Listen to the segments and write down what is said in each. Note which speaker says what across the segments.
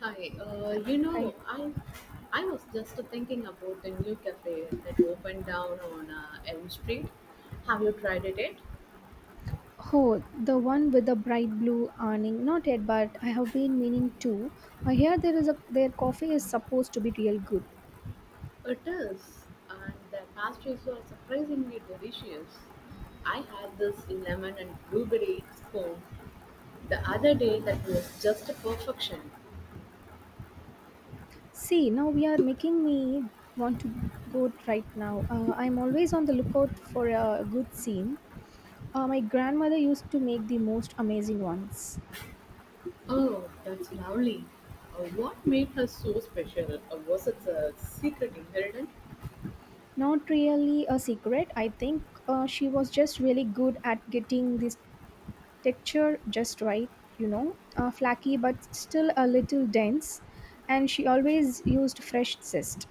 Speaker 1: Hi,
Speaker 2: Hi.
Speaker 1: I was just thinking about the new cafe that opened down on Elm Street. Have you tried it yet?
Speaker 2: Oh, the one with the bright blue awning. Not yet, but I have been meaning to. I hear there is a their coffee is supposed to be real good.
Speaker 1: It is, and the pastries were surprisingly delicious. I had this lemon and blueberry scone the other day that was just perfection.
Speaker 2: See, now we are making me want to go right now. I'm always on the lookout for a good scene. My grandmother used to make the most amazing ones.
Speaker 1: Oh, that's lovely. What made her so special? Or was it a secret ingredient?
Speaker 2: Not really a secret. I think she was just really good at getting these texture just right, you know, flaky but still a little dense. And she always used fresh zest.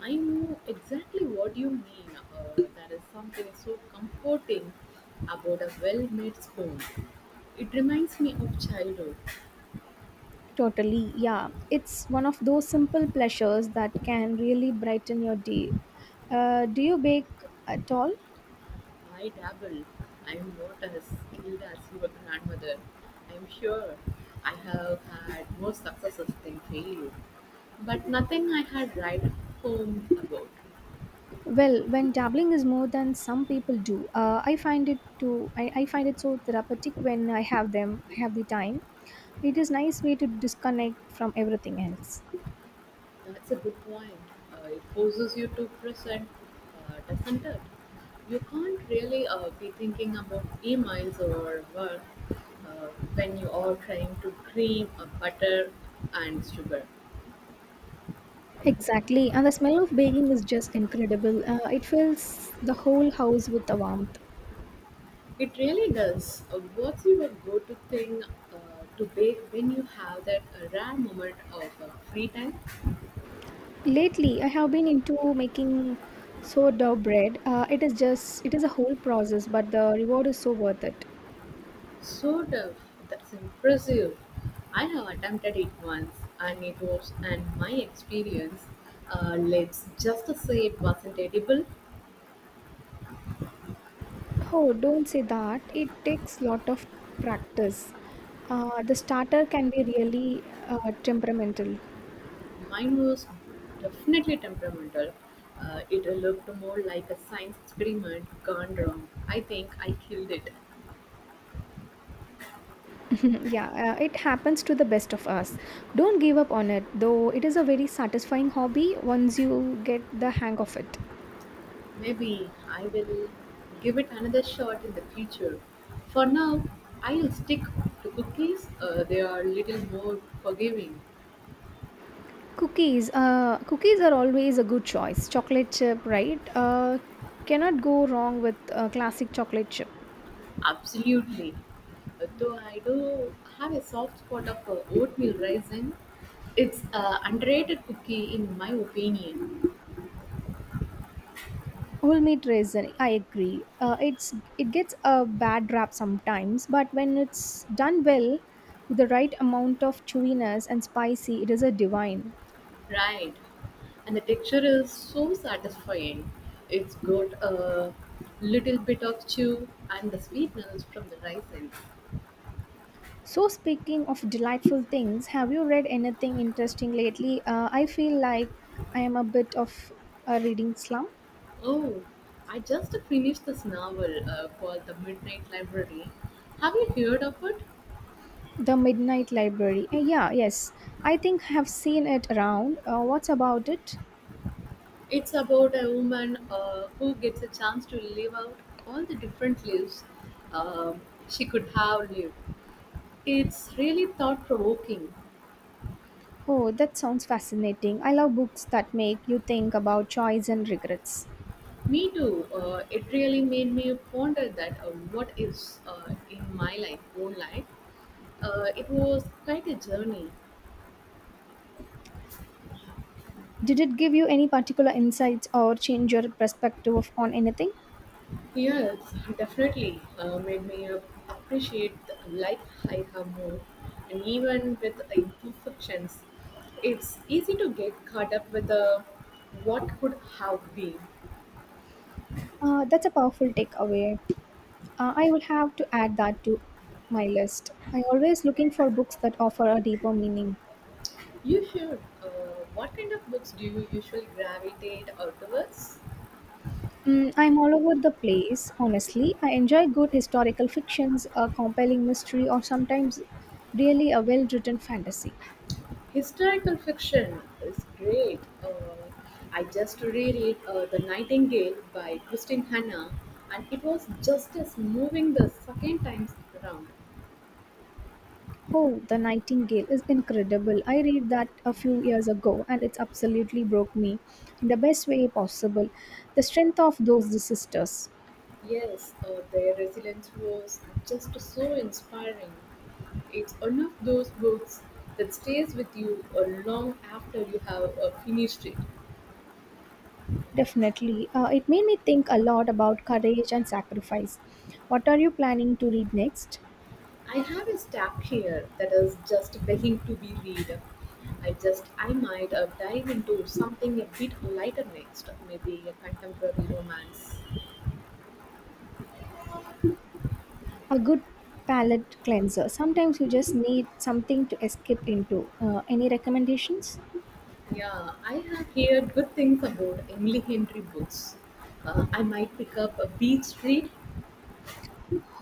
Speaker 1: I know exactly what you mean. There is something so comforting about a well made spoon. It reminds me of childhood.
Speaker 2: Totally, yeah. It's one of those simple pleasures that can really brighten your day. Do you bake at all?
Speaker 1: I dabble. I am not as skilled as your grandmother. I am sure I have had more successes than failure, but nothing I had right home about.
Speaker 2: Well, when dabbling is more than some people do, I find it too. I find it so therapeutic when I have them. I have the time. It is nice way to disconnect from everything else.
Speaker 1: That's a good point. It forces you to present, doesn't it? You can't really be thinking about emails or work uh, when you are trying to cream butter and sugar.
Speaker 2: Exactly, and the smell of baking is just incredible. It fills the whole house with a warmth.
Speaker 1: It really does. What's your go-to thing to bake when you have that rare moment of free time?
Speaker 2: Lately, I have been into making sourdough bread. It is just it is a whole process, but the reward is so worth it.
Speaker 1: Sort of. That's impressive. I have attempted it once and it was, and my experience, let's just say it wasn't edible.
Speaker 2: Oh, don't say that. It takes lot of practice. The starter can be really temperamental.
Speaker 1: Mine was definitely temperamental. It looked more like a science experiment gone wrong. I think I killed it.
Speaker 2: yeah, it happens to the best of us. Don't give up on it, though. It is a very satisfying hobby once you get the hang of it.
Speaker 1: Maybe I will give it another shot in the future. For now, I'll stick to cookies. They are a little more forgiving.
Speaker 2: Cookies, cookies are always a good choice. Chocolate chip, right? Cannot go wrong with classic chocolate chip.
Speaker 1: Absolutely. So I do have a soft spot of oatmeal raisin, it's a underrated cookie in my opinion.
Speaker 2: Whole meat raisin, I agree. It's it gets a bad rap sometimes, but when it's done well, with the right amount of chewiness and spicy, it is a divine.
Speaker 1: Right. And the texture is so satisfying. It's got a little bit of chew and the sweetness from the raisin.
Speaker 2: So speaking of delightful things, have you read anything interesting lately? I feel like I am a bit of a reading slump.
Speaker 1: Oh, I just finished this novel called The Midnight Library. Have you heard of it?
Speaker 2: The Midnight Library. Yeah, yes. I think I have seen it around. What's about it?
Speaker 1: It's about a woman who gets a chance to live out all the different lives um she could have lived. It's really thought provoking.
Speaker 2: Oh, that sounds fascinating. I love books that make you think about choice and regrets.
Speaker 1: Me too. It really made me ponder that what is in my life, own life. It was quite a journey.
Speaker 2: Did it give you any particular insights or change your on anything?
Speaker 1: Yes, definitely made me appreciate the life I have more, and even with the imperfections, it's easy to get caught up with the what could have been.
Speaker 2: That's a powerful takeaway. I will have to add that to my list. I always looking for books that offer a deeper meaning.
Speaker 1: You should. What kind of books do you usually gravitate or towards?
Speaker 2: Mm, I'm all over the place, honestly. I enjoy good historical fictions, a compelling mystery, or sometimes really a well written fantasy.
Speaker 1: Historical fiction is great. I just reread The Nightingale by Christine Hanna, and it was just as moving the second time around.
Speaker 2: Oh, The Nightingale is incredible. I read that a few years ago and it absolutely broke me in the best way possible. The strength of those the sisters.
Speaker 1: Yes, their resilience was just so inspiring. It's one of those books that stays with you long after you have finished it.
Speaker 2: Definitely. It made me think a lot about courage and sacrifice. What are you planning to read next?
Speaker 1: I have a stack here that is just begging to be read. I just I might dive into something a bit lighter next, maybe a contemporary romance.
Speaker 2: A good palate cleanser. Sometimes you just need something to escape into. Any recommendations?
Speaker 1: Yeah, I have heard good things about Emily Henry books. I might pick up a Beach Street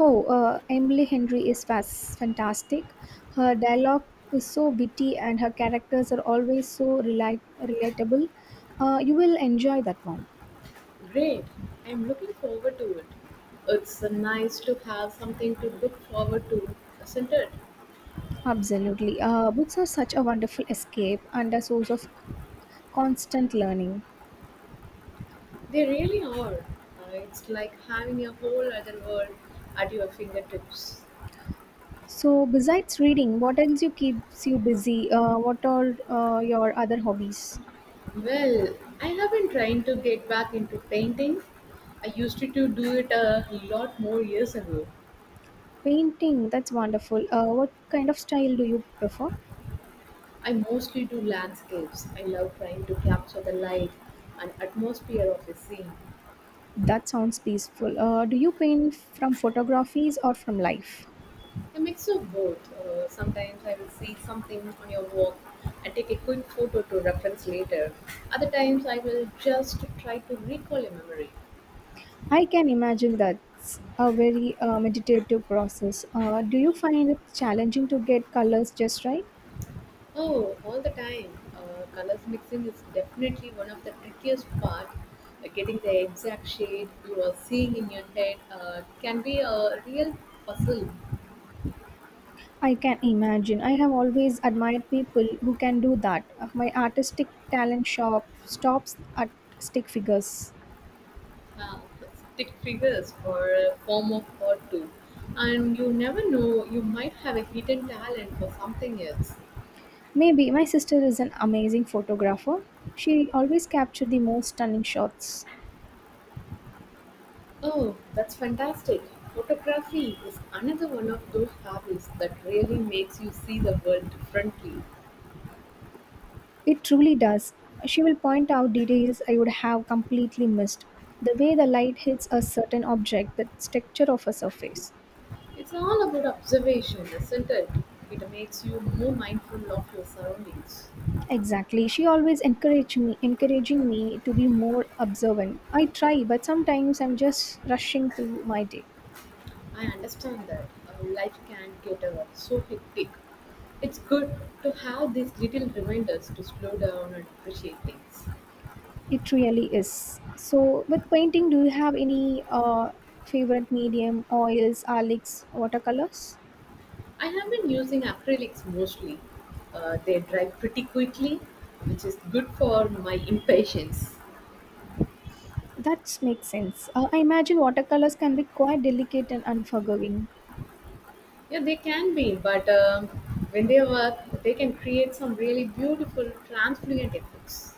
Speaker 2: Oh, Emily Henry is fantastic. Her dialogue is so witty and her characters are always so relatable. You will enjoy that one.
Speaker 1: Great. I'm looking forward to it. It's nice to have something to look forward to, isn't it?
Speaker 2: Absolutely. Books are such a wonderful escape and a source of constant learning.
Speaker 1: They really are. It's like having a whole other world at your fingertips.
Speaker 2: So, besides reading, what else you keeps you busy? What are your other hobbies?
Speaker 1: Well, I have been trying to get back into painting. I used to do it a lot more years ago.
Speaker 2: Painting, that's wonderful. What kind of style do you prefer?
Speaker 1: I mostly do landscapes. I love trying to capture the light and atmosphere of a scene.
Speaker 2: That sounds peaceful. Do you paint from photographies or from life?
Speaker 1: A mix of both. Sometimes I will see something on your walk and take a quick photo to reference later. Other times I will just try to recall a memory.
Speaker 2: I can imagine that's a very meditative process. Do you find it challenging to get colors just right?
Speaker 1: Oh, all the time. Colors mixing is definitely one of the trickiest part. Getting the exact shade you are seeing in your head can be a real puzzle.
Speaker 2: I can imagine. I have always admired people who can do that. My artistic talent shop stops at stick figures.
Speaker 1: Uh, Stick figures or a form of art too. And you never know, you might have a hidden talent for something else.
Speaker 2: Maybe my sister is an amazing photographer. She always captured the most stunning shots.
Speaker 1: Oh, that's fantastic. Photography is another one of those hobbies that really makes you see the world differently.
Speaker 2: It truly does. She will point out details I would have completely missed. The way the light hits a certain object, the texture of a surface.
Speaker 1: It's all about observation, isn't it? It makes you more mindful of your surroundings.
Speaker 2: Exactly. She always encouraged me encouraging me to be more observant. I try, but sometimes I'm just rushing through my day.
Speaker 1: I understand that life can get so hectic. It's good to have these little reminders to slow down and appreciate things.
Speaker 2: It really is. So with painting, do you have any favorite medium, oils, acrylics, watercolors?
Speaker 1: I have been using acrylics mostly. They dry pretty quickly, which is good for my impatience.
Speaker 2: That makes sense. I imagine watercolors can be quite delicate and unforgiving.
Speaker 1: Yeah, they can be, but when they work, they can create some really beautiful transfluent effects.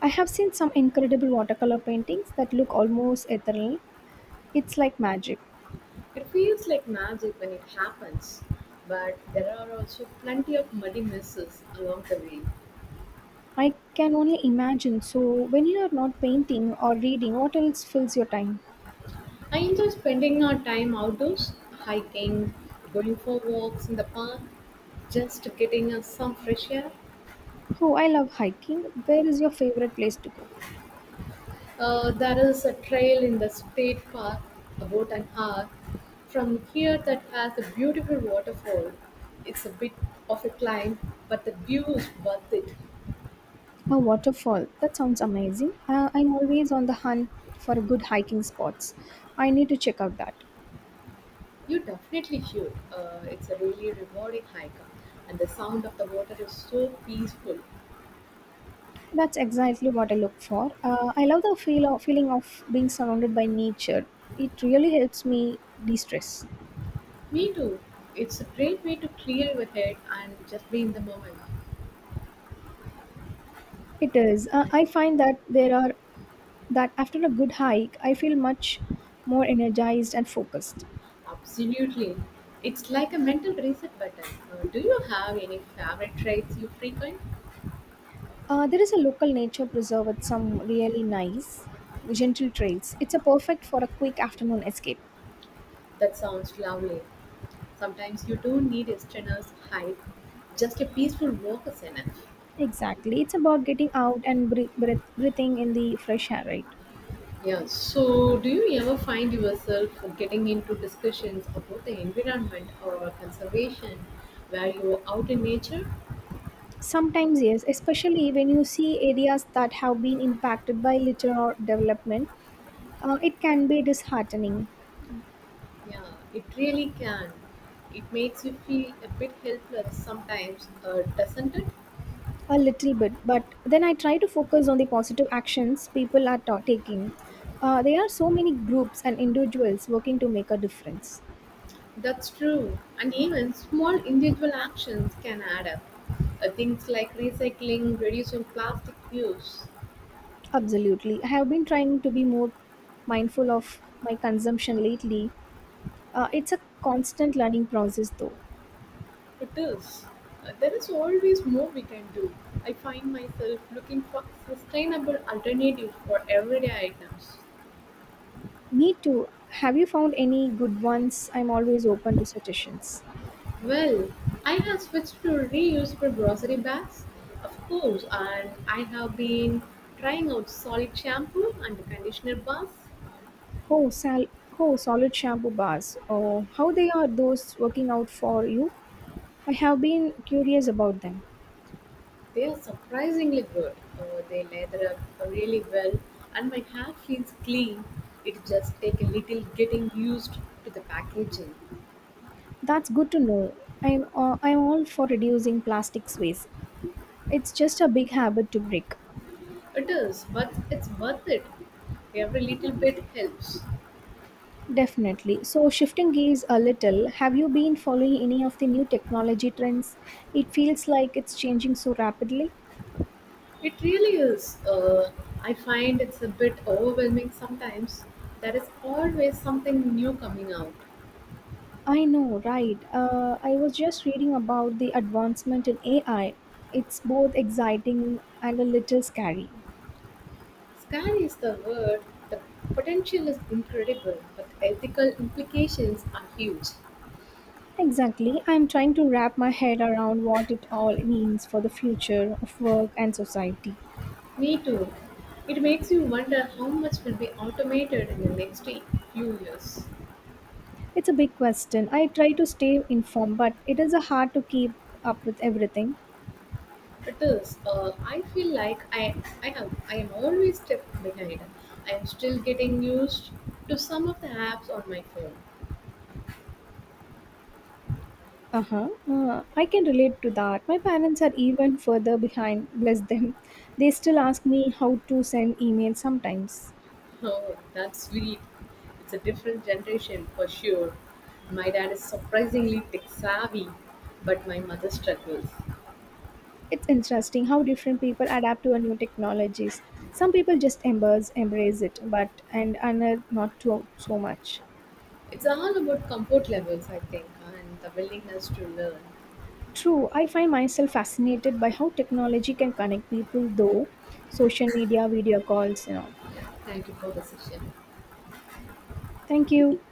Speaker 2: I have seen some incredible watercolor paintings that look almost ethereal. It's like magic.
Speaker 1: It feels like magic when it happens, but there are also plenty of muddy messes along the way.
Speaker 2: I can only imagine. So, when you are not painting or reading, what else fills your time?
Speaker 1: I enjoy spending our time outdoors, hiking, going for walks in the park, just getting us some fresh air.
Speaker 2: Oh, I love hiking. Where is your favorite place to go?
Speaker 1: There is a trail in the state park about an hour from here that has a beautiful waterfall. It's a bit of a climb, but the view is worth it.
Speaker 2: A waterfall. That sounds amazing. I'm always on the hunt for good hiking spots. I need to check out that.
Speaker 1: You definitely should. It's a really rewarding hike, and the sound of the water is so peaceful.
Speaker 2: That's exactly what I look for. I love the feeling of being surrounded by nature. It really helps me de stress.
Speaker 1: Me too. It's a great way to clear your head and just be in the moment.
Speaker 2: It is. I find that there are that after a good hike, I feel much more energized and focused.
Speaker 1: Absolutely. It's like a mental reset button. Do you have any favorite trails you frequent?
Speaker 2: There is a local nature preserve with some really nice, gentle trails. It's a perfect for a quick afternoon escape.
Speaker 1: That sounds lovely. Sometimes you don't need a strenuous hike, just a peaceful walk is enough.
Speaker 2: Exactly. It's about getting out and breathing in the fresh air, right?
Speaker 1: Yeah, so do you ever find yourself getting into discussions about the environment or conservation where you are out in nature?
Speaker 2: Sometimes, yes, especially when you see areas that have been impacted by litter or development, it can be disheartening.
Speaker 1: Yeah, it really can. It makes you feel a bit helpless sometimes, doesn't it?
Speaker 2: A little bit, but then I try to focus on the positive actions people are taking. There are so many groups and individuals working to make a difference.
Speaker 1: That's true, and even small individual actions can add up. Things like recycling, reducing plastic use,
Speaker 2: Absolutely. I have been trying to be more mindful of my consumption lately. It's a constant learning process, though.
Speaker 1: it is. There is always more we can do. I find myself looking for sustainable alternatives for everyday items.
Speaker 2: Me too. Have you found any good ones? I'm always open to suggestions.
Speaker 1: Well, I have switched to reusable grocery bags, of course, and I have been trying out solid shampoo and conditioner bars.
Speaker 2: Oh, oh solid shampoo bars. Oh, how they are those working out for you? I have been curious about them.
Speaker 1: They are surprisingly good. They lather up really well, and my hair feels clean. It just takes a little getting used to the packaging.
Speaker 2: That's good to know. I'm all for reducing plastics waste. It's just a big habit to break.
Speaker 1: It is, but it's worth it. Every little bit helps.
Speaker 2: Definitely. So shifting gears a little, have you been following any of the new technology trends? It feels like it's changing so rapidly.
Speaker 1: It really is. I find it's a bit overwhelming sometimes. There is always something new coming out.
Speaker 2: I know, right? I was just reading about the advancement in AI. It's both exciting and a little scary.
Speaker 1: Scary is the word. The potential is incredible, but ethical implications are huge.
Speaker 2: Exactly. I'm trying to wrap my head around what it all means for the future of work and society.
Speaker 1: Me too. It makes you wonder how much will be automated in the next few years.
Speaker 2: It's a big question. I try to stay informed, but it is a hard to keep up with everything.
Speaker 1: It is. I feel like I am always step behind. I am still getting used to some of the apps on my phone.
Speaker 2: Uh-huh. I can relate to that. My parents are even further behind, bless them. They still ask me how to send emails sometimes.
Speaker 1: Oh, that's sweet. It's a different generation for sure. My dad is surprisingly tech savvy, but my mother struggles.
Speaker 2: It's interesting how different people adapt to a new technologies. Some people just embrace it, but and another not to, so much.
Speaker 1: It's all about comfort levels, I think, and the willingness to learn.
Speaker 2: True, I find myself fascinated by how technology can connect people though social media, video calls, you know.
Speaker 1: Yeah, thank you for the session.
Speaker 2: Thank you.